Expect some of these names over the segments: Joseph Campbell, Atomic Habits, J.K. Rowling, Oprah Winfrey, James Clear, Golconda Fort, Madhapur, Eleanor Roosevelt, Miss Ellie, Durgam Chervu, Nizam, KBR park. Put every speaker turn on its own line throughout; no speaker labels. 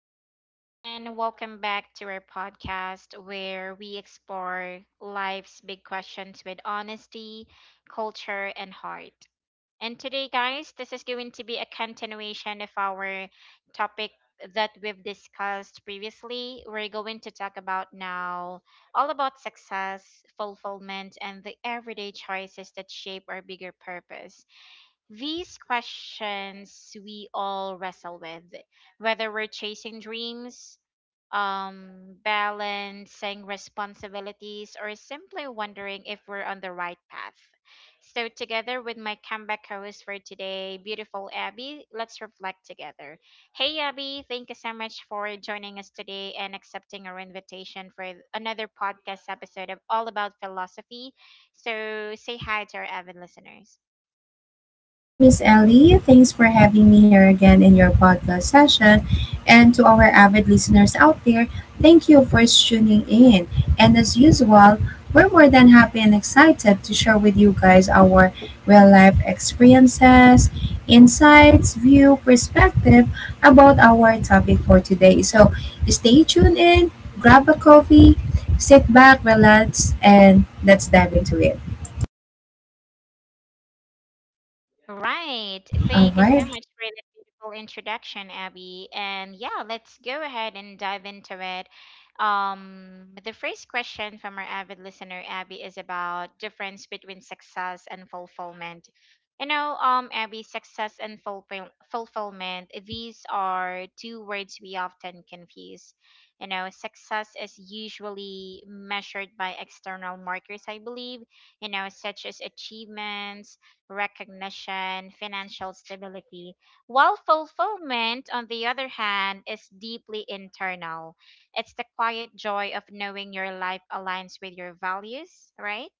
guys, and welcome back to our podcast where we explore life's big questions with honesty, culture, and heart. And today, guys, this is going to be a continuation of our topic that we've discussed previously. We're going to talk about now all about success, fulfillment, and the everyday choices that shape our bigger purpose. These questions we all wrestle with, whether we're chasing dreams, balancing responsibilities, or simply wondering if we're on the right path. So, together with my comeback host for today, beautiful Abby, let's reflect together. Hey, Abby, thank you so much for joining us today and accepting our invitation for another podcast episode of All About Philosophy. So, say hi to our avid listeners.
Hello, Miss Ellie. Thanks for having me here again in your podcast session. And to our avid listeners out there, thank you for tuning in. And as usual, we're more than happy and excited to share with you guys our real life experiences, insights, view, perspective about our topic for today. So stay tuned in, grab a coffee, sit back, relax, and let's dive into it.
Right.
All
Thank you so
right.
much for the beautiful introduction, Abby. And yeah, let's go ahead and dive into it. The first question from our avid listener, Abby, is about difference between success and fulfillment. You know, Abby, success and fulfillment, these are two words we often confuse. You know, success is usually measured by external markers, I believe, you know, such as achievements recognition, financial stability, while fulfillment, on the other hand, is deeply internal. It's the quiet joy of knowing your life aligns with your values, right?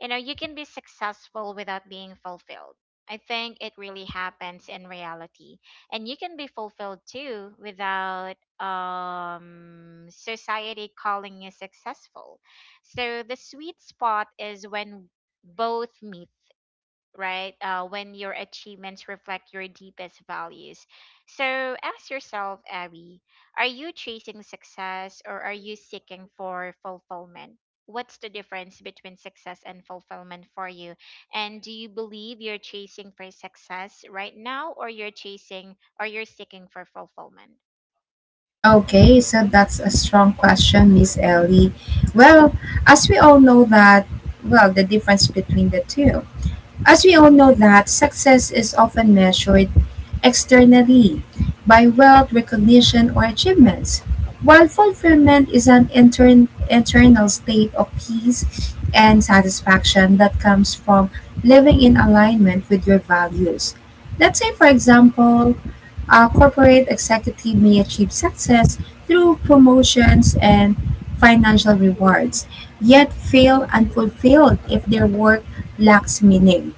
You know, you can be successful without being fulfilled. I think it really happens in reality. And you can be fulfilled too without society calling you successful. So the sweet spot is when both meet, right? When your achievements reflect your deepest values. So ask yourself, Abby, are you chasing success or are you seeking for fulfillment? What's the difference between success and fulfillment for you? And do you believe you're chasing for success right now or you're chasing or you're seeking for fulfillment?
Okay, so that's a strong question, Miss Ellie. Well, as we all know that, well, the difference between the two. As we all know that success is often measured externally by wealth, recognition, or achievements, while fulfillment is an internal state of peace and satisfaction that comes from living in alignment with your values. Let's say, for example, a corporate executive may achieve success through promotions and financial rewards, yet feel unfulfilled if their work lacks meaning.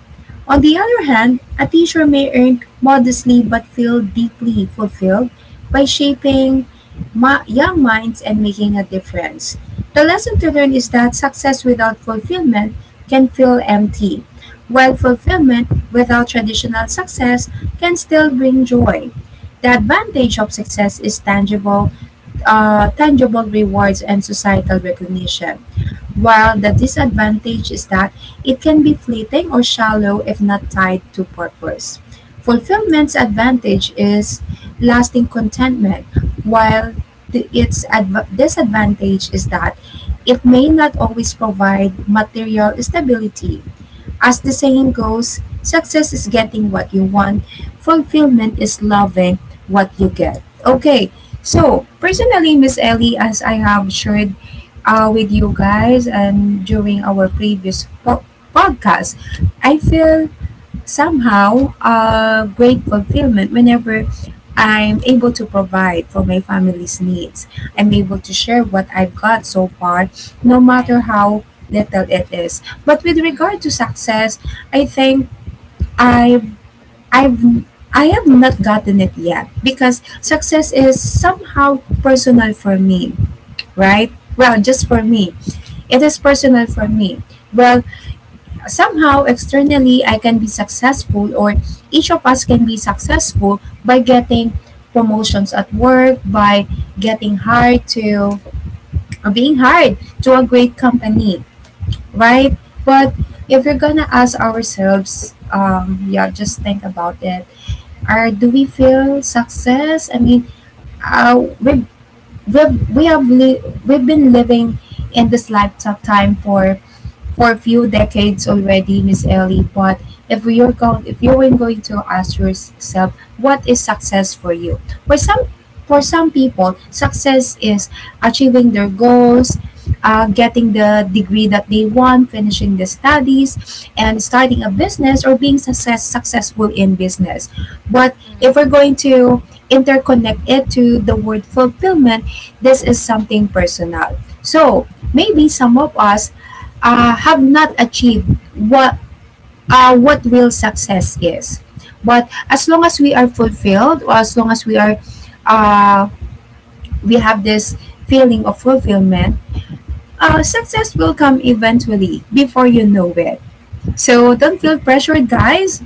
On the other hand, a teacher may earn modestly but feel deeply fulfilled by shaping young minds and making a difference. The lesson to learn is that success without fulfillment can feel empty, while fulfillment without traditional success can still bring joy. The advantage of success is tangible rewards and societal recognition. While the disadvantage is that it can be fleeting or shallow if not tied to purpose. Fulfillment's advantage is lasting contentment, while its disadvantage is that it may not always provide material stability. As the saying goes, success is getting what you want, fulfillment is loving what you get. Okay, so personally, Miss Ellie, as I have shared with you guys and during our previous podcast, I feel somehow a great fulfillment whenever I'm able to provide for my family's needs. I'm able to share what I've got so far, no matter
Right.
how little it is. But with regard to
Mm,
success, I think I've I've I have not gotten it yet because success is somehow personal for me, right? Well, just for me. It is personal for me. Well, somehow externally I can be successful or each of us can be successful by getting promotions at work, by getting hired to or being hired to a great company, right? But if we're gonna ask ourselves, yeah, just think about it. Are Do we feel success? I mean, uh, we we we've been living in this lifetime for a few decades already, Miss Ellie. But if you were going to ask yourself, what is success for you? For some, for some people, success is achieving their goals, getting the degree that they want, finishing the studies, and starting a business or being successful in business. But
mm,
if we're going to interconnect it to the word fulfillment, this is something personal. So maybe
mm,
some of us have not achieved what real success is. But as long as we are fulfilled, or as long as we are uh, we have this feeling of fulfillment, success will come eventually before you know it. So don't feel pressured, guys.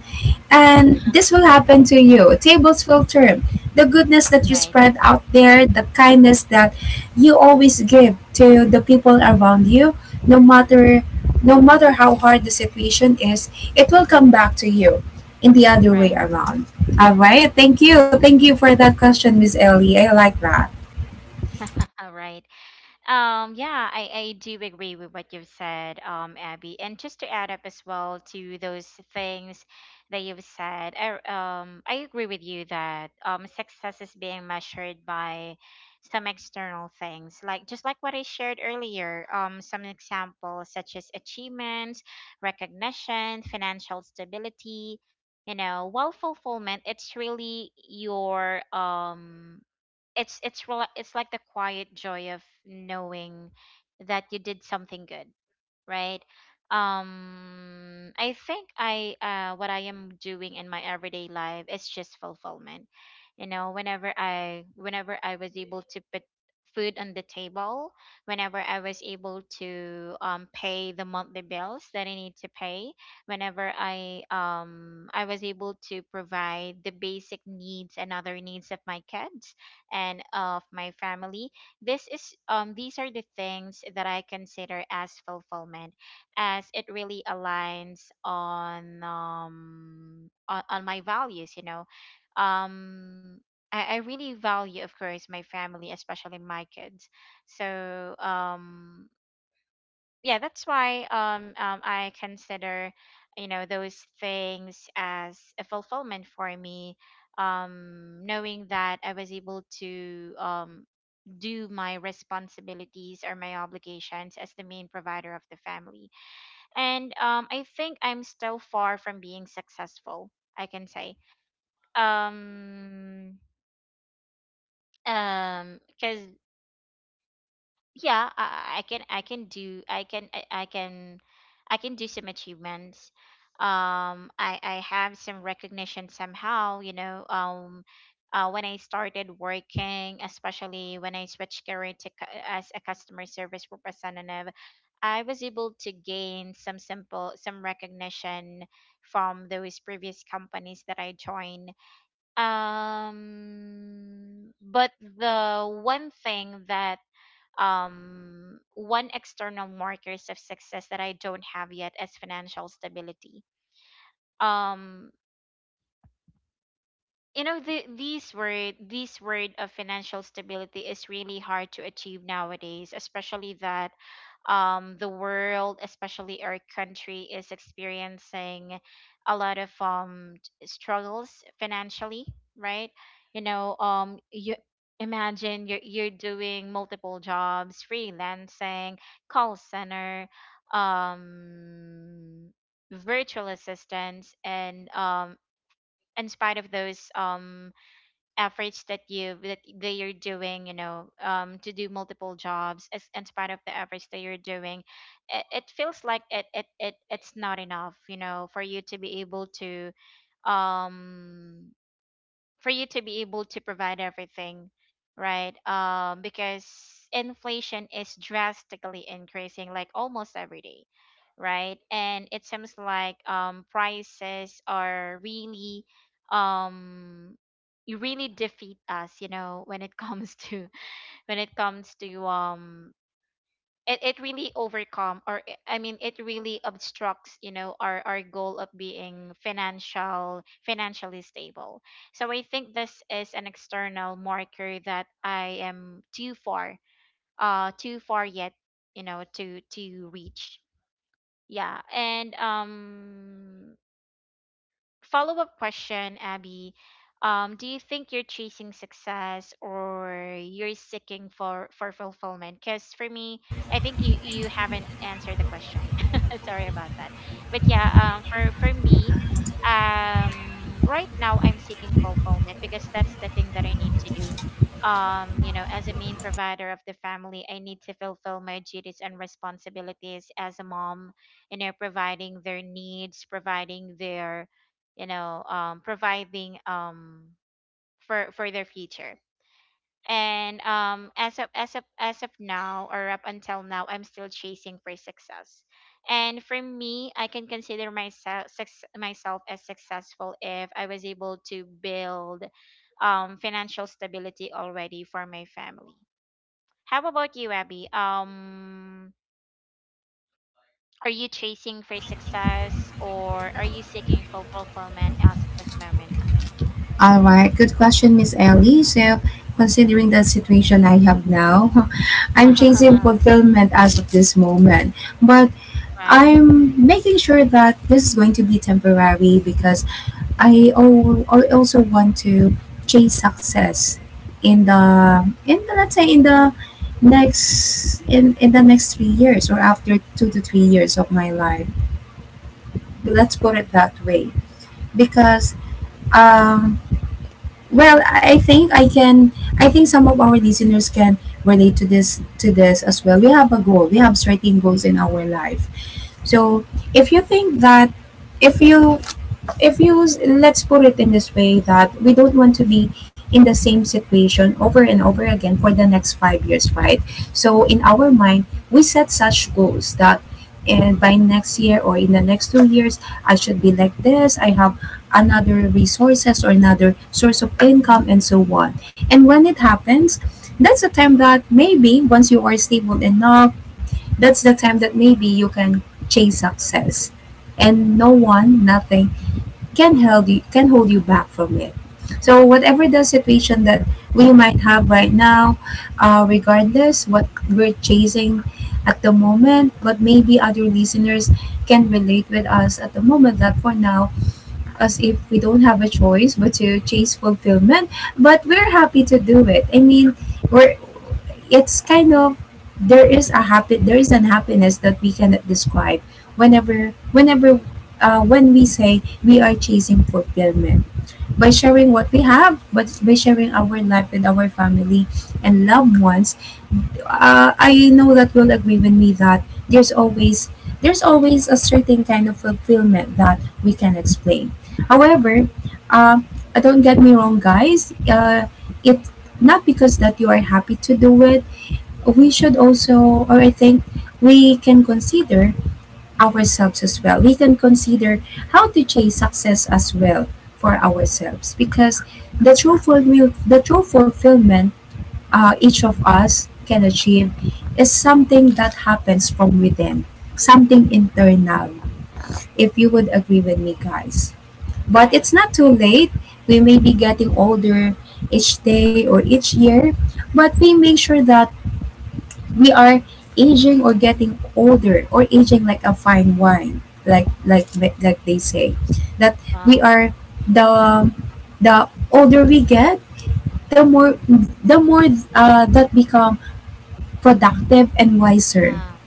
And this will happen to you. Tables will turn. The goodness that you
right.
spread out there, the kindness that you always give to the people around you, no matter no matter how hard the situation is, it
Mm,
will
mm,
come back to you in the other way
right.
around. All right.
Mm.
Thank you for that question, Miss Ellie. I like that.
All right. Yeah, I do agree with what you've said, Abby. And just to add up as well to those things that you've said, I agree with you that success is being measured by some external things, like just like what I shared earlier, some examples such as achievements, recognition, financial stability. You know, while fulfillment, it's really your it's it's like the quiet joy of knowing that you did something good, right? I think I what I am doing in my everyday life is just fulfillment. You know, whenever I was able to put food on the table, whenever I was able to pay the monthly bills that I need to pay, whenever I was able to provide the basic needs and other needs of my kids and of my family, this is these are the things that I consider as fulfillment, as it really aligns on on my values, you know. um I really value of course my family, especially my kids. So yeah, that's why I consider, you know, those things as a fulfillment for me, knowing that I was able to do my responsibilities or my obligations as the main provider of the family. And I think I'm still far from being successful, I can say. Um, because yeah, I can do some achievements. I have some recognition somehow, you know. When I started working, especially when I switched career to as a customer service representative, I was able to gain some recognition from those previous companies that I joined. But the one thing that one external markers of success that I don't have yet is financial stability. Um, you know, these word this word of financial stability is really hard to achieve nowadays, especially that the world, especially our country, is experiencing a lot of struggles financially, right? You know, you imagine you're doing multiple jobs, freelancing, call center, um virtual assistants, and in spite of those efforts that you that you're doing, you know, to do multiple jobs, as in spite of the efforts that you're doing, it feels like it's not enough, you know, for you to be able to um for you to be able to provide everything, right? Because inflation is drastically increasing like almost every day, right? And it seems like prices are really um you really defeat us, you know, when it comes to when it comes to it really overcome, or I mean, it really obstructs, you know, our goal of being financially stable. So I think this is an external marker that I am too far, too far yet, you know, to reach. Yeah. And follow up question, Abby. Do you think you're chasing success or you're seeking for fulfillment? Because for me, I think you haven't answered the question. Sorry about that. But yeah, for me, right now I'm seeking fulfillment because that's the thing that I need to do. You know, as a main provider of the family, I need to fulfill my duties and responsibilities as a mom. You know, providing their needs, providing their, you know, providing for their future. And as of now, or up until now, I'm still chasing for success. And for me, I can consider myself as successful if I was able to build financial stability already for my family. How about you, Abby? Are you chasing for success, or are you seeking full fulfillment as of this moment?
All right, good question, Miss Ellie. So, considering the situation I have now, I'm chasing fulfillment as of this moment, but
right
I'm making sure that this is going to be temporary because I also want to chase success in the in the, let's say in the in the next 3 years or after 2 to 3 years of my life. Let's put it that way because um well, I think I can. I think some of our listeners can relate to this as well. We have a goal. We have certain goals in our life. So if you think that if you if you let's put it in this way, that we don't want to be in the same situation over and over again for the next 5 years, right? So in our mind we set such goals that, and by next year or in the next 2 years, I should be like this. I have another resources or another source of income and so on. And when it happens, that's a time that maybe once you are stable enough, that's the time that maybe you can chase success, and no one nothing can hold you can hold you back from it. So whatever the situation that we might have right now, regardless what we're chasing at the moment, but maybe other listeners can relate with us at the moment, that for now, as if we don't have a choice but to chase fulfillment, but we're happy to do it. I mean, we're it's kind of there is a happy there is an happiness that we cannot describe whenever when we say we are chasing fulfillment by sharing what we have, but by sharing our life with our family and loved ones. Uh, I know that you'll agree with me that there's always there's always a certain kind of fulfillment that we can explain. However, uh, don't get me wrong, guys. It, not because that you are happy to do it, we should also, or I think we can consider ourselves as well. We can consider how to chase success as well for ourselves, because the true fulfillment each of us can achieve is something that happens from within, something internal. If you would agree with me, guys. But
Right.
it's not too late. We may be getting older each day or each year, but we make sure that we are aging or getting older or aging like a fine wine, like they say, that we
Wow.
are, the the older we get, the more
Mm.
the more that become productive and wiser,
Ah,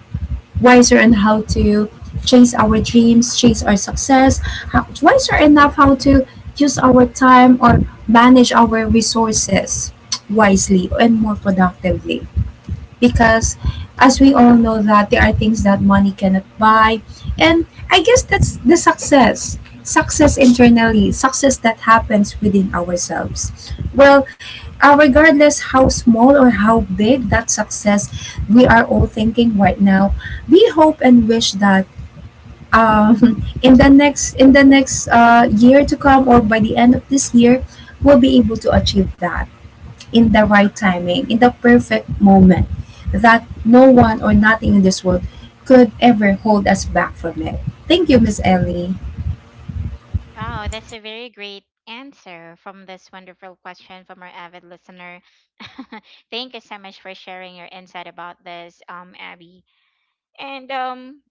wiser on how to chase our dreams, chase our success, wiser enough how to use our time or manage our resources wisely and more productively, because as we all know that there are things that money cannot buy. And I guess that's the success, success internally success that happens within ourselves. Well, regardless how small or how big that success we are all thinking right now, we hope and wish that in the next year to come or by the end of this year, we'll be able to achieve that in the right timing, in the perfect moment, that no one or nothing in this world could ever hold us back from it. Thank you, Miss Ellie.
wow, that's a very great answer from this wonderful question from our avid listener. Thank you so much for sharing your insight about this, Abby. And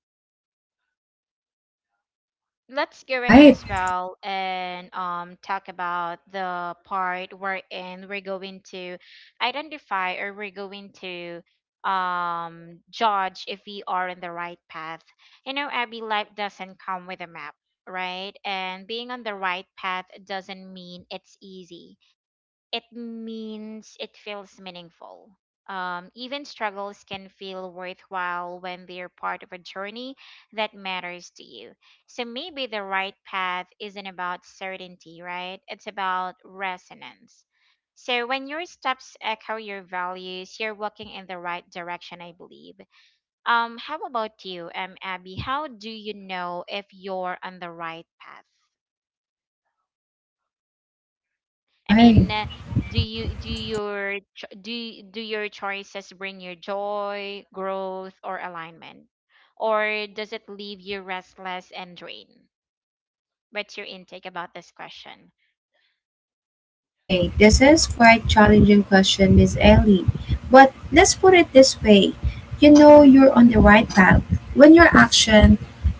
let's go ahead
Right,
as well and talk about the part wherein we're going to identify, or we're going to judge if we are in the right path. You know, Abby, life doesn't come with a map, right? And being on the right path doesn't mean it's easy, it means it feels meaningful. Even struggles can feel worthwhile when they're part of a journey that matters to you. So maybe the right path isn't about certainty, right? It's about resonance. So when your steps echo your values, you're walking in the right direction, I believe. How about you, Abby? How do you know if you're on the right path? I mean,
right.
do you do your choices bring you joy, growth, or alignment, or does it leave you restless and drained? What's your intake about this question?
Okay, this is quite challenging question, Miss Ellie. But let's put it this way. You know you're on the right path when your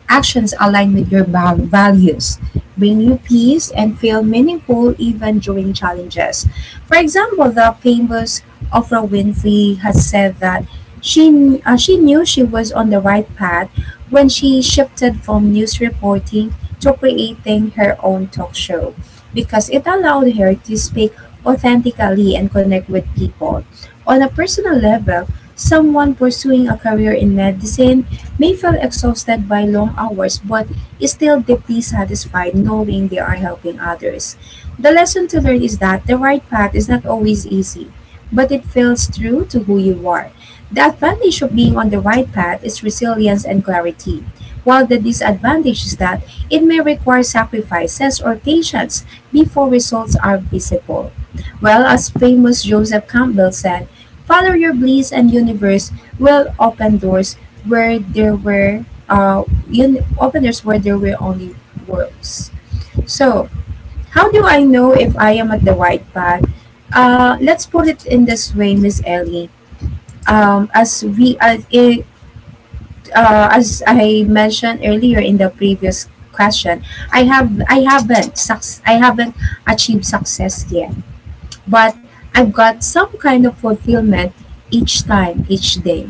actions align with your values, bring you peace and feel meaningful even during challenges. For example, the famous Oprah Winfrey has said that she knew she was on the right path when she shifted from news reporting to creating her own talk show because it allowed her to speak authentically and connect with people. On a personal level, someone pursuing a career in medicine may feel exhausted by long hours but is still deeply satisfied knowing they are helping others. The lesson to learn is that the right path is not always easy, but it feels true to who you are. The advantage of being on the right path is resilience and clarity, while the disadvantage is that it may require sacrifices or patience before results are visible. Well, as famous Joseph Campbell said, follow your bliss and universe will open doors where there were uh, un- open doors where there were only worlds. So, how do I know if I am at the right path? Let's put it in this way, Miss Ellie. As we as it, As I mentioned earlier in the previous question, I haven't I haven't achieved success yet, but I've got some kind of fulfillment each time, each day.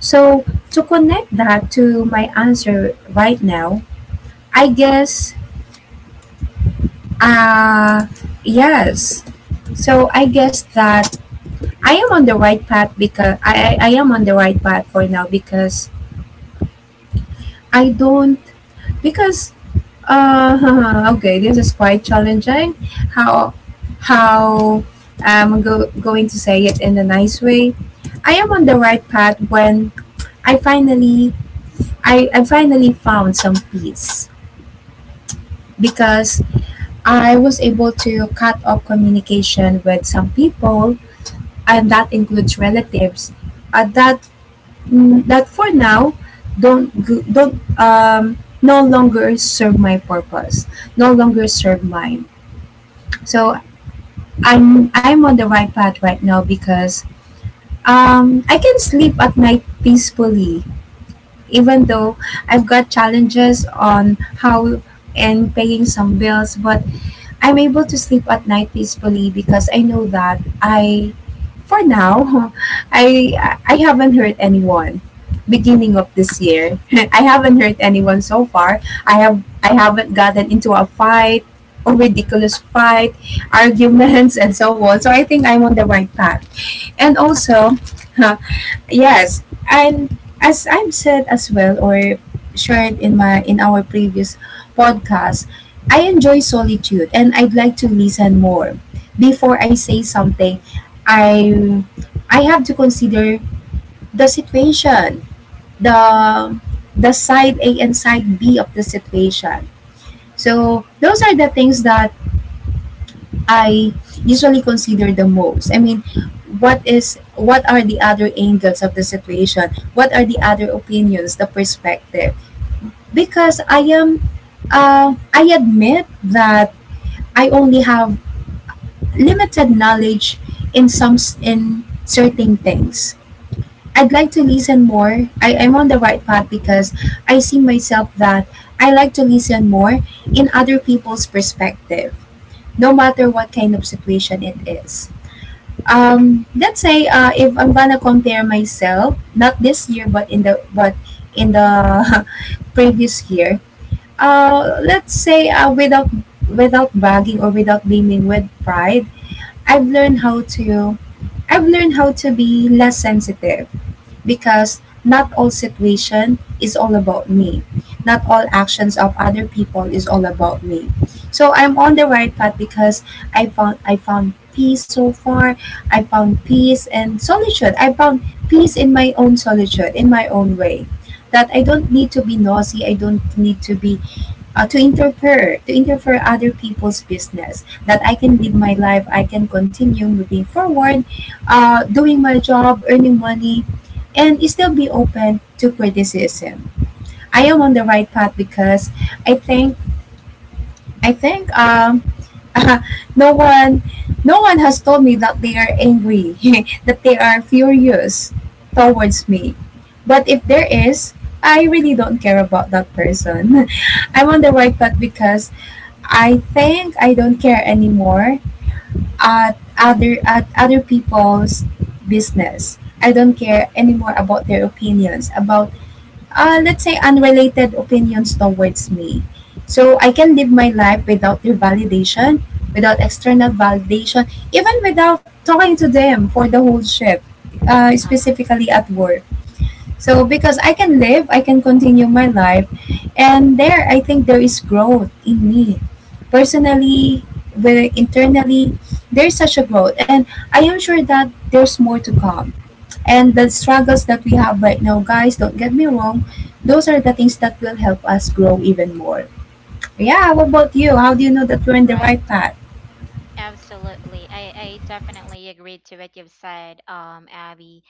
So, to connect that to my answer right now, I guess, uh, yes. So, I guess that I am on the right path because I am on the right path for now, because I don't, because, okay, this is quite challenging how, how going to say it in a nice way. I am on the right path when I finally I finally found some peace because I was able to cut off communication with some people, and that includes relatives that that for now don't no longer serve my purpose, no longer serve mine. So I'm on the right path right now because I can sleep at night peacefully, even though I've got challenges on how and paying some bills, but I'm able to sleep at night peacefully because I know that I, for now, I I haven't hurt anyone. Beginning of this year, I haven't hurt anyone so far. I haven't gotten into a fight or
Mm,
ridiculous fight,
mm,
arguments, and so on. So I think I'm on the right path. And also,
mm,
yes, and as I've said as well or shared in my in our previous podcast, I enjoy solitude and I'd like to listen more. Before I say something, I I have to consider the situation, the the side A and side B of the situation. So those are the things that I usually consider the most. I mean, what are the other angles of the situation? What are the other opinions, the perspective? Because I am I admit that I only have limited knowledge in in certain things. I'd like to listen more. I'm on the right path because I see myself that I like to listen more in other people's perspective, no matter what kind of situation it is. Let's say, if I'm gonna compare myself not this year but in the previous year, let's say, without without bragging or without beaming with pride, i've learned how to I've learned how to be less sensitive because not all situation is all about me. Not all actions of other people is all about me. So I'm on the right path because I found peace so far. I found peace and solitude. I found peace in my own solitude, in my own way. That I don't need to be nosy. I don't need to be to interfere other people's business, that I can live my life, I can continue moving forward, doing my job, earning money, and still be open to criticism. I am on the right path because i think i think no one no one has told me that they are angry, that they are furious towards me. But if there is, I really don't care about that person. I'm on the right path because I think I don't care anymore at other people's business. I don't care anymore about their opinions about,
mhm,
let's say, unrelated opinions towards me. So I
mm,
can live my life without their validation, without external validation, even without talking to them for the whole shift,
haha,
specifically at work. So
mm,
because I can live, I can continue my life, and there I think there is growth in me,
mm.
personally, whether internally, there's such a growth, and I am sure that there's more to come. And the struggles that we have right now, guys, don't get me wrong, those are the things that will help us grow even more. Yeah, what about you? How do you know that we're in the right
Right,
path?
absolutely. I definitely agree to what you've said, Abby.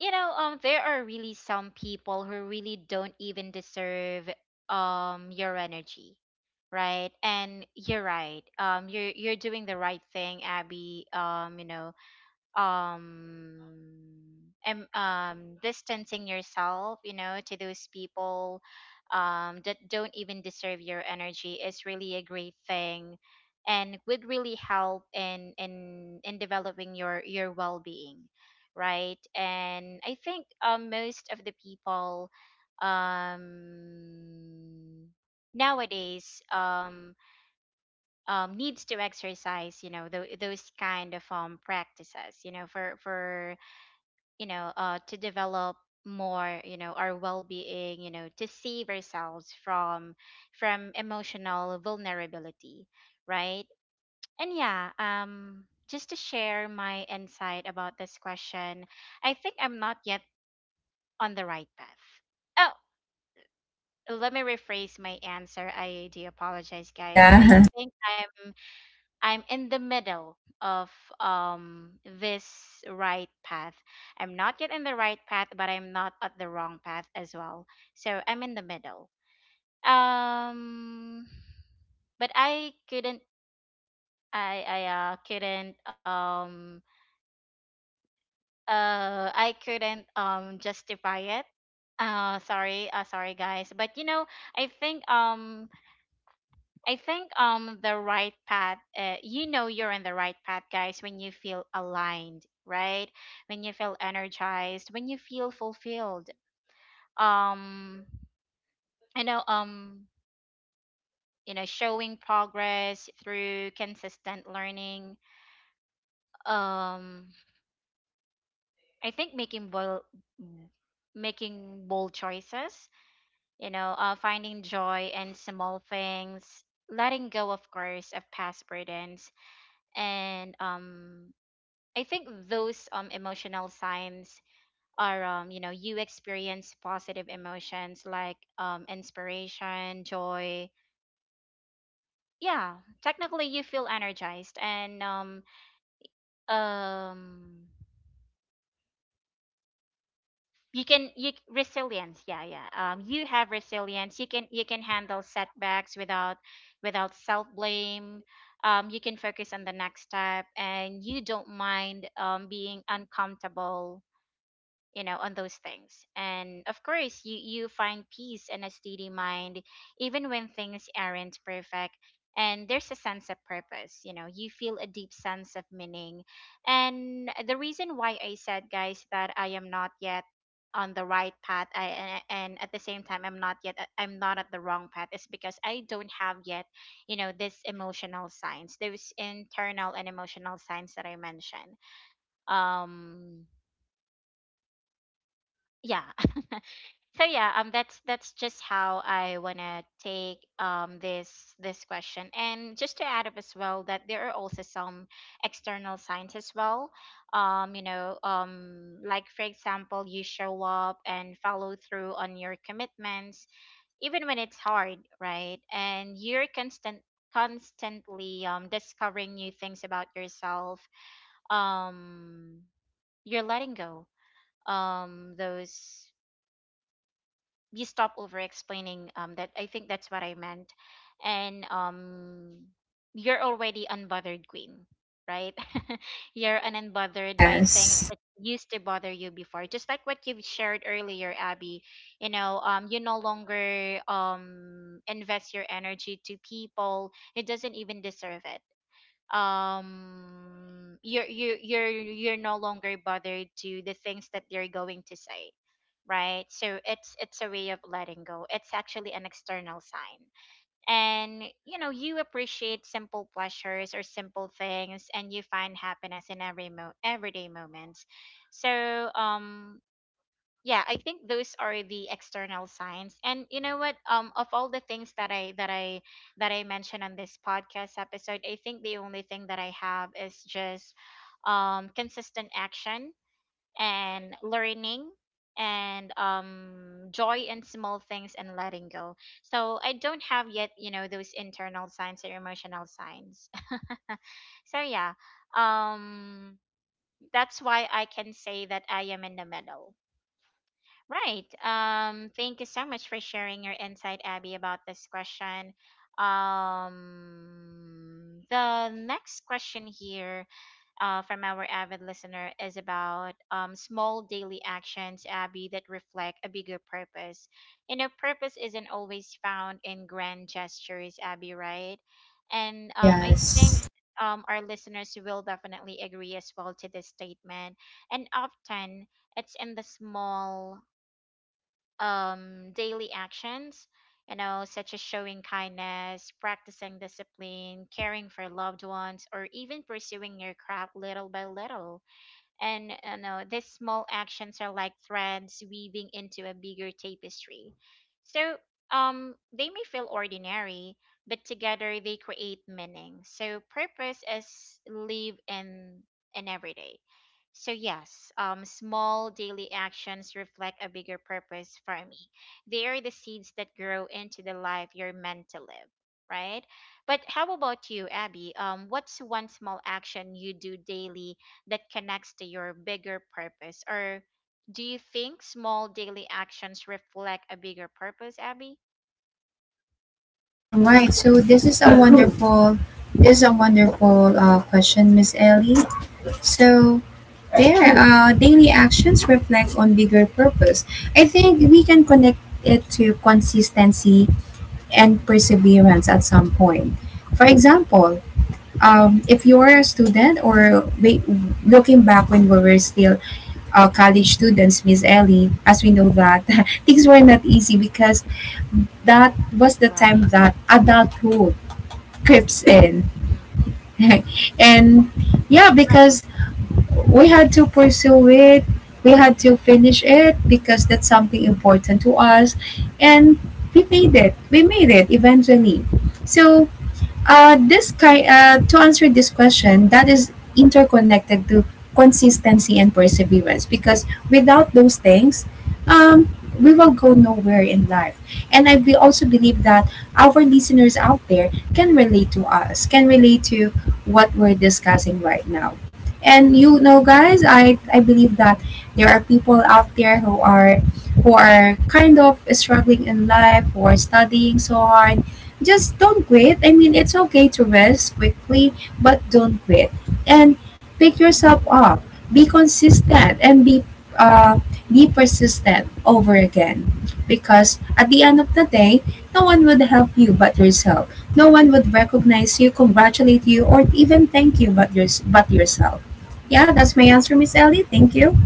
You know, there are really some people who really don't even deserve your energy, right? And you're right. You're doing the right thing, Abby. You know, um distancing yourself, you know, to those people that don't even deserve your energy is really a great thing, and would really help in in developing your well-being, right? And I think most of the people um nowadays needs to exercise, you know, those kind of practices, you know, for, you know, to develop more, you know, our well-being, you know, to save ourselves from emotional vulnerability, right? And yeah, just to share my insight about this question, I think I'm not yet on the right path. Oh, let me rephrase my answer, I do apologize guys. I
Yeah.
think I'm in the middle of this right path. I'm not yet in the right path, but I'm not at the wrong path as well. So I'm in the middle. Um but I couldn't, I couldn't I couldn't justify it. Sorry guys. But you know, I think um I think the right path, you know, you're on the right path guys when you feel aligned, right? When you feel energized, when you feel fulfilled, um you know, you know, showing progress through consistent learning, um I think making bold choices, you know, finding joy in small things, letting go of course of past burdens. And I think those emotional signs are, you know, you experience positive emotions like inspiration, joy. Yeah, technically you feel energized. And um you can resilience. Yeah, yeah. You have resilience. You can handle setbacks without without self-blame. You can focus on the next step, and you don't mind being uncomfortable on those things. And of course you you find peace and a steady mind even when things aren't perfect, and there's a sense of purpose. You know, you feel a deep sense of meaning. And the reason why I said, guys, that I am not yet on the right path, and at the same time I'm not at the wrong path is because I don't have yet, you know, this emotional signs, those internal and emotional signs that I mentioned. um yeah. So yeah, that's just how I want to take this question. And just to add up as well that there are also some external signs as well. You know, like for example, you show up and follow through on your commitments even when it's hard, right? And you're constantly discovering new things about yourself. um you're letting go those you stop over explaining That, I think, that's what I meant. And you're already unbothered, queen, right? You're an unbothered by things
Yes.
that used to bother you before, just like what you've shared earlier, Abby. You know, you no longer invest your energy to people, it doesn't even deserve it. You're you you're no longer bothered to the things that they're going to say, right? So it's a way of letting go. It's actually an external sign. And you know, you appreciate simple pleasures or simple things, and you find happiness in every everyday moments. So yeah, I think those are the external signs. And you know what, of all the things that I mentioned on this podcast episode, I think the only thing that I have is just consistent action and learning and joy in small things and letting go. So I don't have yet, you know, those internal signs or emotional signs. So yeah, um that's why I can say that I am in the middle. Right. Thank you so much for sharing your insight, Abby, about this question. The next question here, from our avid listener, is about small daily actions, Abby, that reflect a bigger purpose. You know, purpose isn't always found in grand gestures, Abby, right? And I think
Yes.
our listeners will definitely agree as well to this statement. And often, it's in the small daily actions, you know, such as showing kindness, practicing discipline, caring for loved ones, or even pursuing your craft little by little. And you know, these small actions are like threads weaving into a bigger tapestry. So they may feel ordinary, but together they create meaning. So purpose is live in every day. So yes, small daily actions reflect a bigger purpose for me. They are the seeds that grow into the life you're meant to live, right? But how about you, Abby? What's one small action you do daily that connects to your bigger purpose? Or do you think small daily actions reflect a bigger purpose, Abby?
All right, so this is a wonderful, this is a wonderful question, Miss Ellie. So there, daily actions reflect on bigger purpose. I think we can connect it to consistency and perseverance at some point. For example,
Mm.
if you are a student, or wait, looking back when we were still college students, Miss Ellie, as we know that things were not easy because that
Right.
was the time that adulthood creeps
Mm.
in.
Mm.
And
Right.
yeah, because
Agree.
we had to pursue it, we had to finish it because that's something important to us. And we made it. We made it eventually. So to answer this question, that is interconnected to consistency and perseverance because without those things, um, we will go nowhere in life. And also believe that our listeners out there can relate to us, can relate to what we're discussing right now. And you know, guys, I believe that there are people out there who are kind of struggling in life, who are studying so hard, just don't quit. I mean, it's okay to rest quickly, but don't quit. And pick yourself up. Be consistent and uh, be persistent over again. Because at the end of the day, no one would help you but yourself. No one would recognize you, congratulate you, or even thank you but, yourself. Yeah, that's my answer, Miss Ellie. Thank you.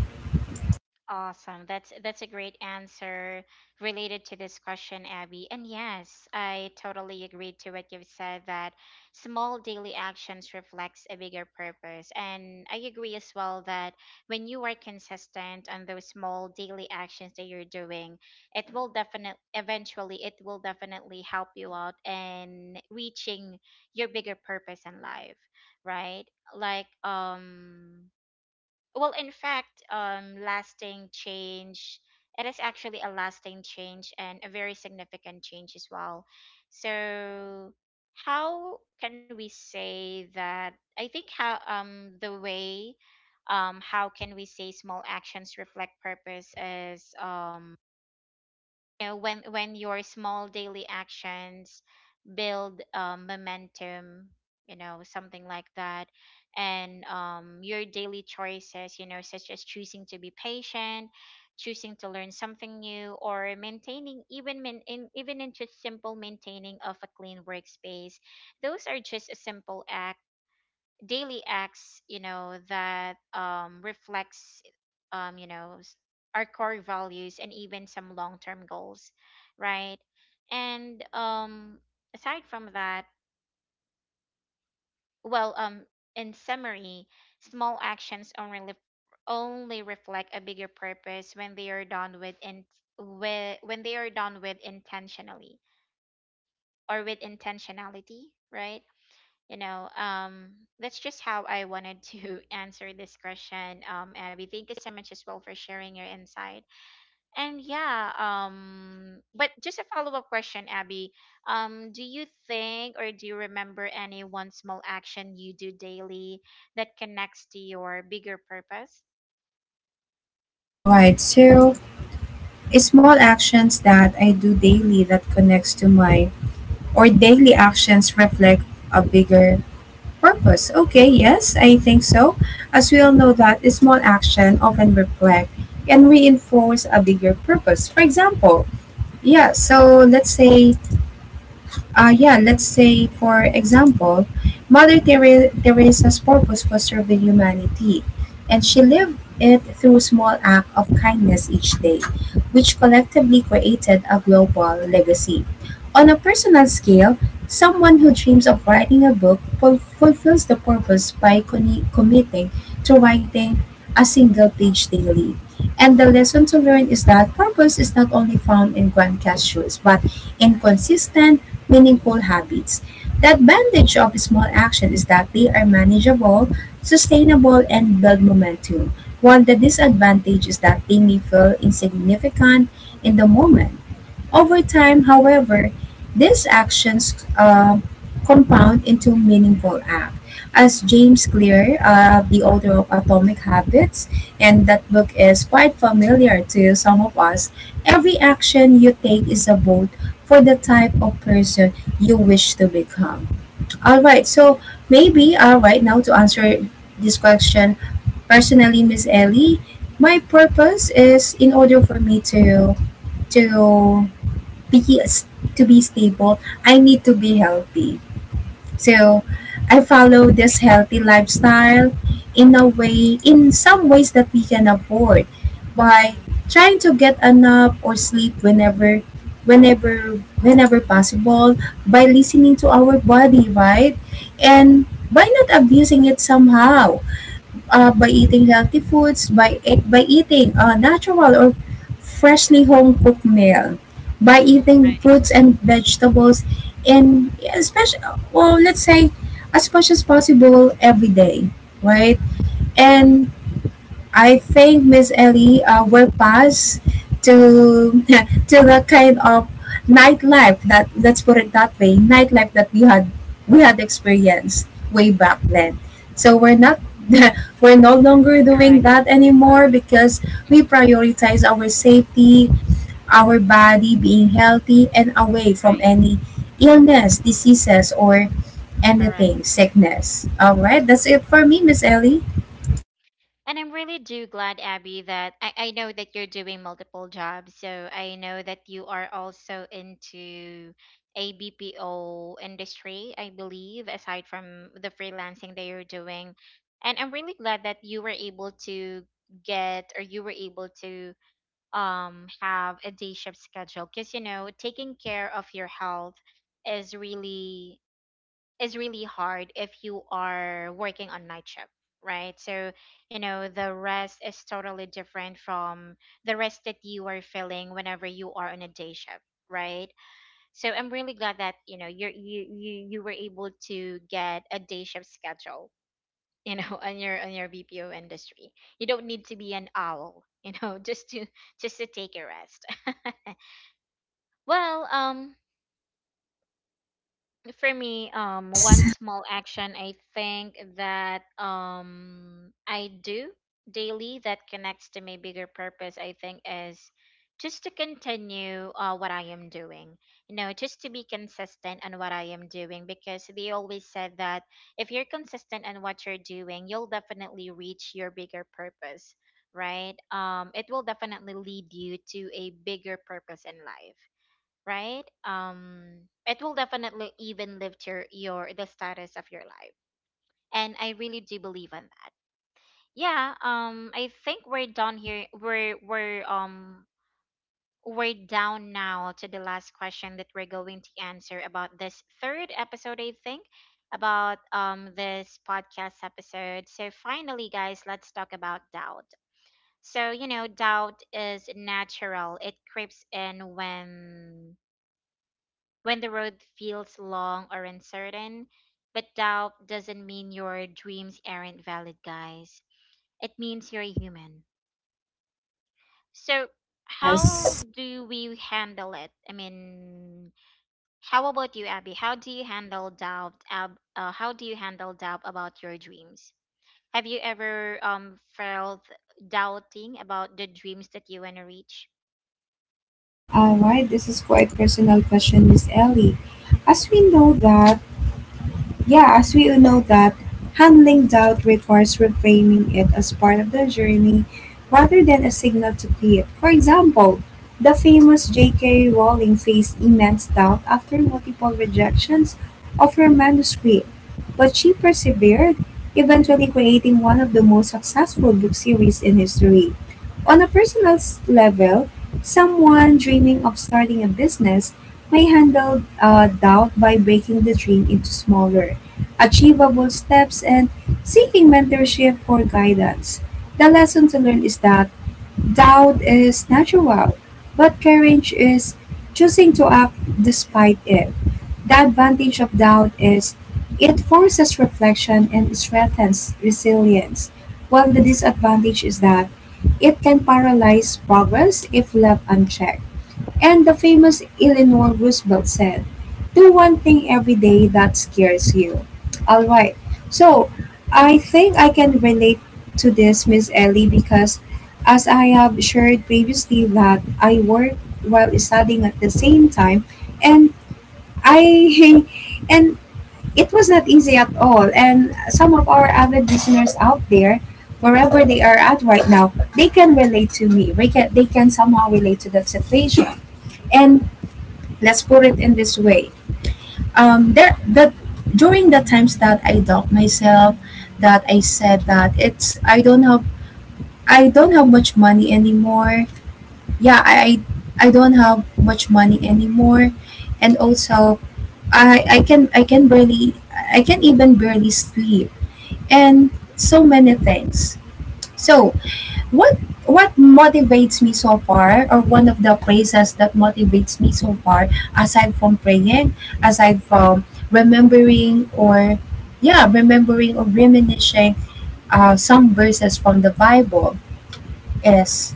Awesome. That's a great answer related to this question, Abby. And yes, I totally agree to what you've said, that small daily actions reflects a bigger purpose. And I agree as well that when you are consistent on those small daily actions that you're doing, it will definitely, eventually it will definitely help you out in reaching your bigger purpose in life, right? Like well, in fact, lasting change, it is actually a lasting change and a very significant change as well. So how can we say that? I think how the way how can we say small actions reflect purpose is, you know, when your small daily actions build momentum, you know, something like that. And your daily choices, you know, such as choosing to be patient, choosing to learn something new, or maintaining, even even in just simple maintaining of a clean workspace. Those are just a simple act, daily acts, you know, that reflects um you know s- our core values and even some long-term goals, right? And aside from that, well, in summary, small actions only reflect a bigger purpose when they are done with, when they are done with intentionally, or with intentionality, right? you know um that's just how I wanted to answer this question. Abby, thank you so much as well for sharing your insight. And yeah, but just a follow-up question, Abby. Do you think, or do you remember, any one small action you do daily that connects to your bigger purpose?
All right. So, small actions that I do daily that connects to my, or daily actions reflect a bigger purpose. Okay, yes, I think so. As we all know that a small action often reflect and reinforce a bigger purpose. For example, yeah, so let's say, yeah, let's say, for example, Teresa's purpose was serving humanity, and she lived it through small acts of kindness each day, which collectively created a global legacy. On a personal scale, someone who dreams of writing a book fulfills the purpose by committing to writing a single page daily. And the lesson to learn is that purpose is not only found in grand gestures, but in consistent meaningful habits. The advantage of small action is that they are manageable, sustainable, and build momentum, while the disadvantage is that they may feel insignificant in the moment. Over time, however, these actions compound into meaningful acts. As James Clear, the author of Atomic Habits, and that book is quite familiar to some of us, every action you take is a vote for the type of person you wish to become. All right, so maybe, all right, now to answer this question personally, Miss Ellie, my purpose is in order for me to be to be stable, I need to be healthy. So I follow this
Agree.
healthy lifestyle in a way, in some ways that we can afford by
Mm-hmm.
trying to get enough or sleep whenever possible, by listening to our body, right? And by not abusing it somehow, by eating healthy foods, by eating natural or freshly home cooked meal, by
Mm-hmm.
eating fruits and vegetables, and especially, well, let's say, as much as possible every day, right? And I think Miss Ellie will pass to to the kind of nightlife, that let's put it that way, nightlife that we had experienced way back then. So we're not we're no longer doing
Correct.
that anymore because we
Mm.
prioritize our safety, our body being healthy and away from
Right.
any illness, diseases, or
Correct.
anything sickness. All right, that's it for me, Miss Ellie.
And I'm really do glad, Abby, that I know that you're doing multiple jobs. So I know that you are also into ABPO industry, I believe, aside from the freelancing that you're doing. And I'm really glad that you were able to get, or you were able to have a day shift schedule, because you know, taking care of your health is really, is really hard if you are working on night shift, right? So you know, the rest is totally different from the rest that you are feeling whenever you are on a day shift, right? So I'm really glad that, you know, you were able to get a day shift schedule, you know, on your BPO industry. You don't need to be an owl, you know, just to take a rest. Well, for me, one
Yes.
small action I think that I do daily that connects to my bigger purpose, I think, is just to continue, what I am doing. You know, just to be consistent on what I am doing, because they always said that if you're consistent on what you're doing, you'll definitely reach your bigger purpose, right? It will definitely lead you to a bigger purpose in life, right? It will definitely even lift your the status of your life, and I really do believe in that. Yeah, I think we're done here. We're we're down now to the last question that we're going to answer about this third episode. I think about this podcast episode. So finally, guys, let's talk about doubt. So you know, doubt is natural. It creeps in when the road feels long or uncertain. But doubt doesn't mean your dreams aren't valid, guys. It means you're human. So how
Yes.
do we handle it? I mean, how about you, Abby? How do you handle doubt? How do you handle doubt about your dreams? Have you ever felt doubting about the dreams that you want to reach?
All right, this is quite personal question, Miss Ellie. As we know that yeah, as we all know that handling doubt requires reframing it as part of the journey rather than a signal to quit. For example, the famous J.K. Rowling faced immense doubt after multiple rejections of her manuscript, but she persevered, eventually creating one of the most successful book series in history. On a personal level, someone dreaming of starting a business may handle doubt by breaking the dream into smaller, achievable steps, and seeking mentorship for guidance. The lesson to learn is that doubt is natural, but courage is choosing to act despite it. The advantage of doubt is it forces reflection and strengthens resilience, while the disadvantage is that it can paralyze progress if left unchecked. And the famous Eleanor Roosevelt said, do one thing every day that scares you. All right. So I think I can relate to this, Miss Ellie, because as I have shared previously that I work while studying at the same time, and I and it was not easy at all. And some of our avid listeners out there, wherever they are at right now, they can relate to me. They can somehow relate to that situation. And let's put it in this way, there that during the times that I doubt myself, that I said that it's I don't have much money anymore. yeah i i I don't have much money anymore, and also I can barely, I can even barely sleep, and so many things. So what what motivates me so far, or one of the praises that motivates me so far, aside from praying, aside from remembering or yeah, remembering or reminiscing some verses from the bible, is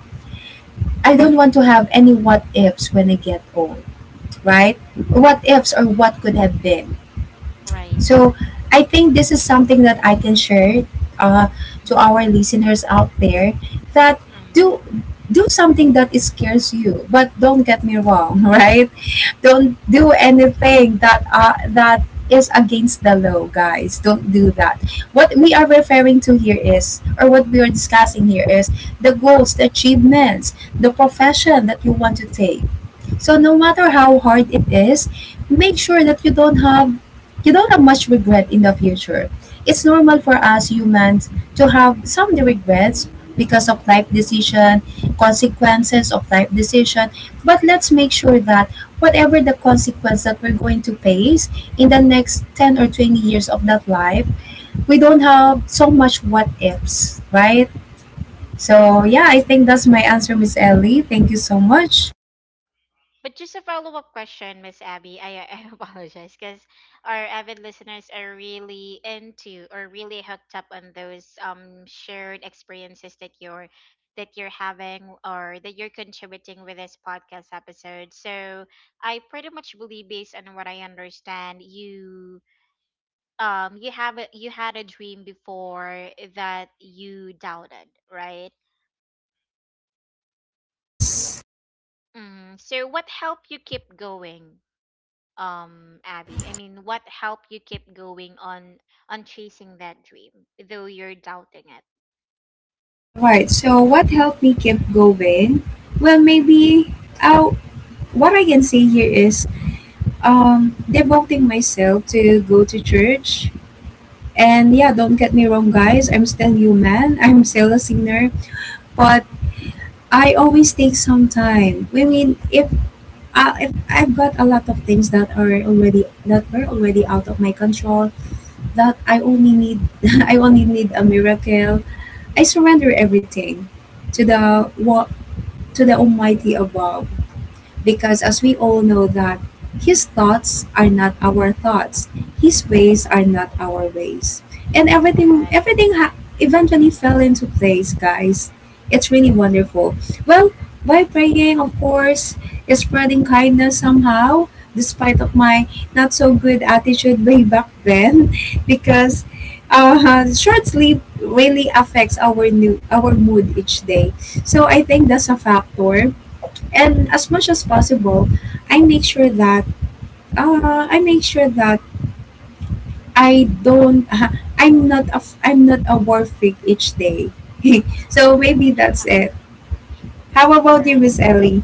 I don't want to have any what ifs when I get old, right? What ifs or what could have been.
Right.
So I think this is something that I can share uh, to our listeners out there, that
Mm.
do do something that is scares you, but don't get me wrong, right? Don't do
Right.
anything that that is against the law, guys. Don't do
Mm.
that. What we are referring to here is, or what we are discussing here is, the goals, the achievements, the profession that you want to take, so no
Mm.
matter how hard it is, make sure that you don't have, much regret in the future. It's normal
Mm.
for us humans to have some regrets because of
Mm.
life decision, consequences of life decision, but let's make sure that whatever the consequence that we're going to face in the next 10 or 20 years of that life, we don't have so much what ifs, right? So, yeah,
Mm.
I think that's my answer, Miss Ellie. Thank you so much.
But just a follow up question, Miss Abby. I apologize because our avid listeners are really into, or really hooked up on those shared experiences that you're having, or that you're contributing with this podcast episode. So I pretty much believe, based on what I understand, you you have a, you had a dream before that you doubted, right?
Yes.
Mm. So what helped you keep going, Abby? I mean, what helped you keep going on chasing that dream though you're doubting it?
All right. So what helped me keep going? Well, maybe, what I can say here is devoting myself to go to church. And yeah, don't get me wrong, guys. I'm still human. I'm still a sinner, but I always take some time. I mean, if I've got a lot of things that are already, that were already out of my control, that I only need, I only need a miracle. I surrender everything to the what to the Almighty above, because as we all know that His thoughts are not our thoughts, His ways are not our ways, and
Correct.
everything eventually fell into place, guys. It's really wonderful. Well, by praying, of course, is spreading kindness somehow, despite of my not so good attitude way back then, because short sleep really affects our mood each day. So I think that's a factor, and as much as possible, i make sure that I make sure that I don't I'm not a war freak each day. So maybe that's it. How about you,
Right.
Miss Ellie?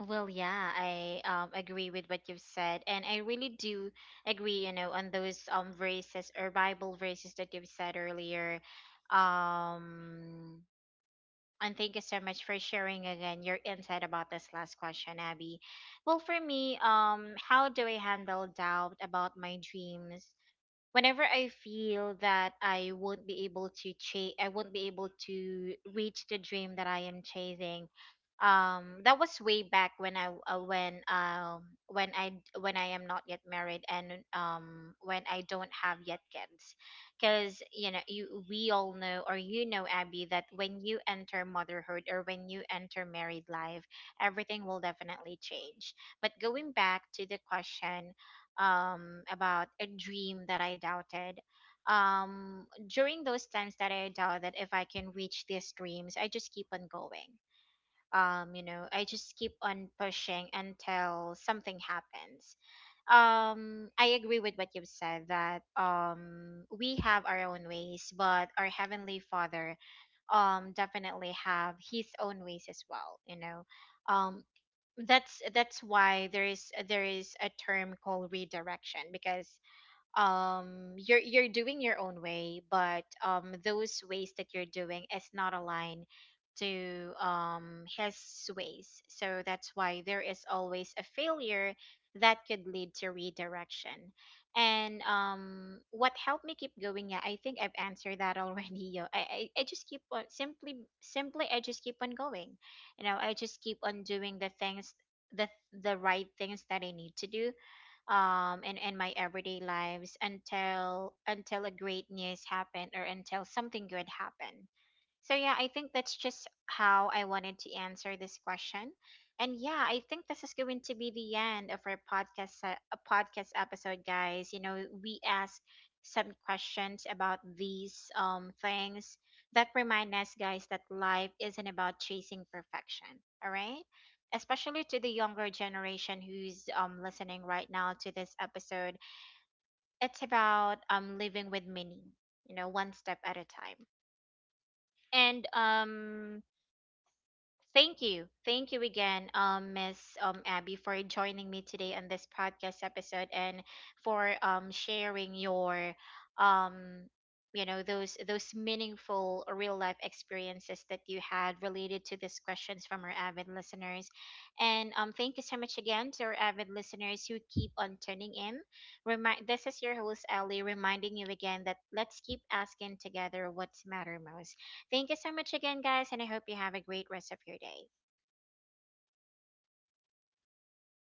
Well, yeah, I agree with what you've said, and I really do agree, you know, on those verses or Bible verses that you've said earlier. Um, and thank you so much for sharing again your insight about this last question, Abby. Well, for me, how do I handle doubt about my dreams? Whenever I feel that I won't be able to chase, I won't be able to reach the dream that I am chasing. That was way back when I when I, when I am not yet married, and when I don't have yet kids. Because you know, you we all know, or you know, Abby, that when you enter motherhood or when you enter married life, everything will definitely change. But going back to the question, about a dream that I doubted. During those times that I doubted if I can reach these dreams, I just keep on going. You know, I just keep on pushing until something happens. I agree with what you've said that we have our own ways, but our Heavenly Father definitely have his own ways as well. You know, um, that's why there is, there is a term called redirection, because you're doing your own way, but those ways that you're doing is not aligned to his ways. So that's why there is always a failure that could lead to redirection. And what helped me keep going? Yeah, I think I've answered that already. I just keep on, simply, I just keep on going. You know, I just keep on doing the things, the right things that I need to do in my everyday lives, until a great news happened, or until something good happened. So yeah, I think that's just how I wanted to answer this question. And yeah, I think this is going to be the end of our podcast episode, guys. You know, we asked some questions about these things that remind us, guys, that life isn't about chasing perfection, all right? Especially to the younger generation who's listening right now to this episode, it's about living with meaning, you know, one step at a time. And thank you. Thank you again, Miss Abby, for joining me today on this podcast episode, and for sharing your um, you know, those meaningful real life experiences that you had related to these questions from our avid listeners. And thank you so much again to our avid listeners who keep on tuning in. Remind, this is your host Ellie, reminding you again that let's keep asking together what's matter most. Thank you so much again, guys, and I hope you have a great rest of your day.
All right.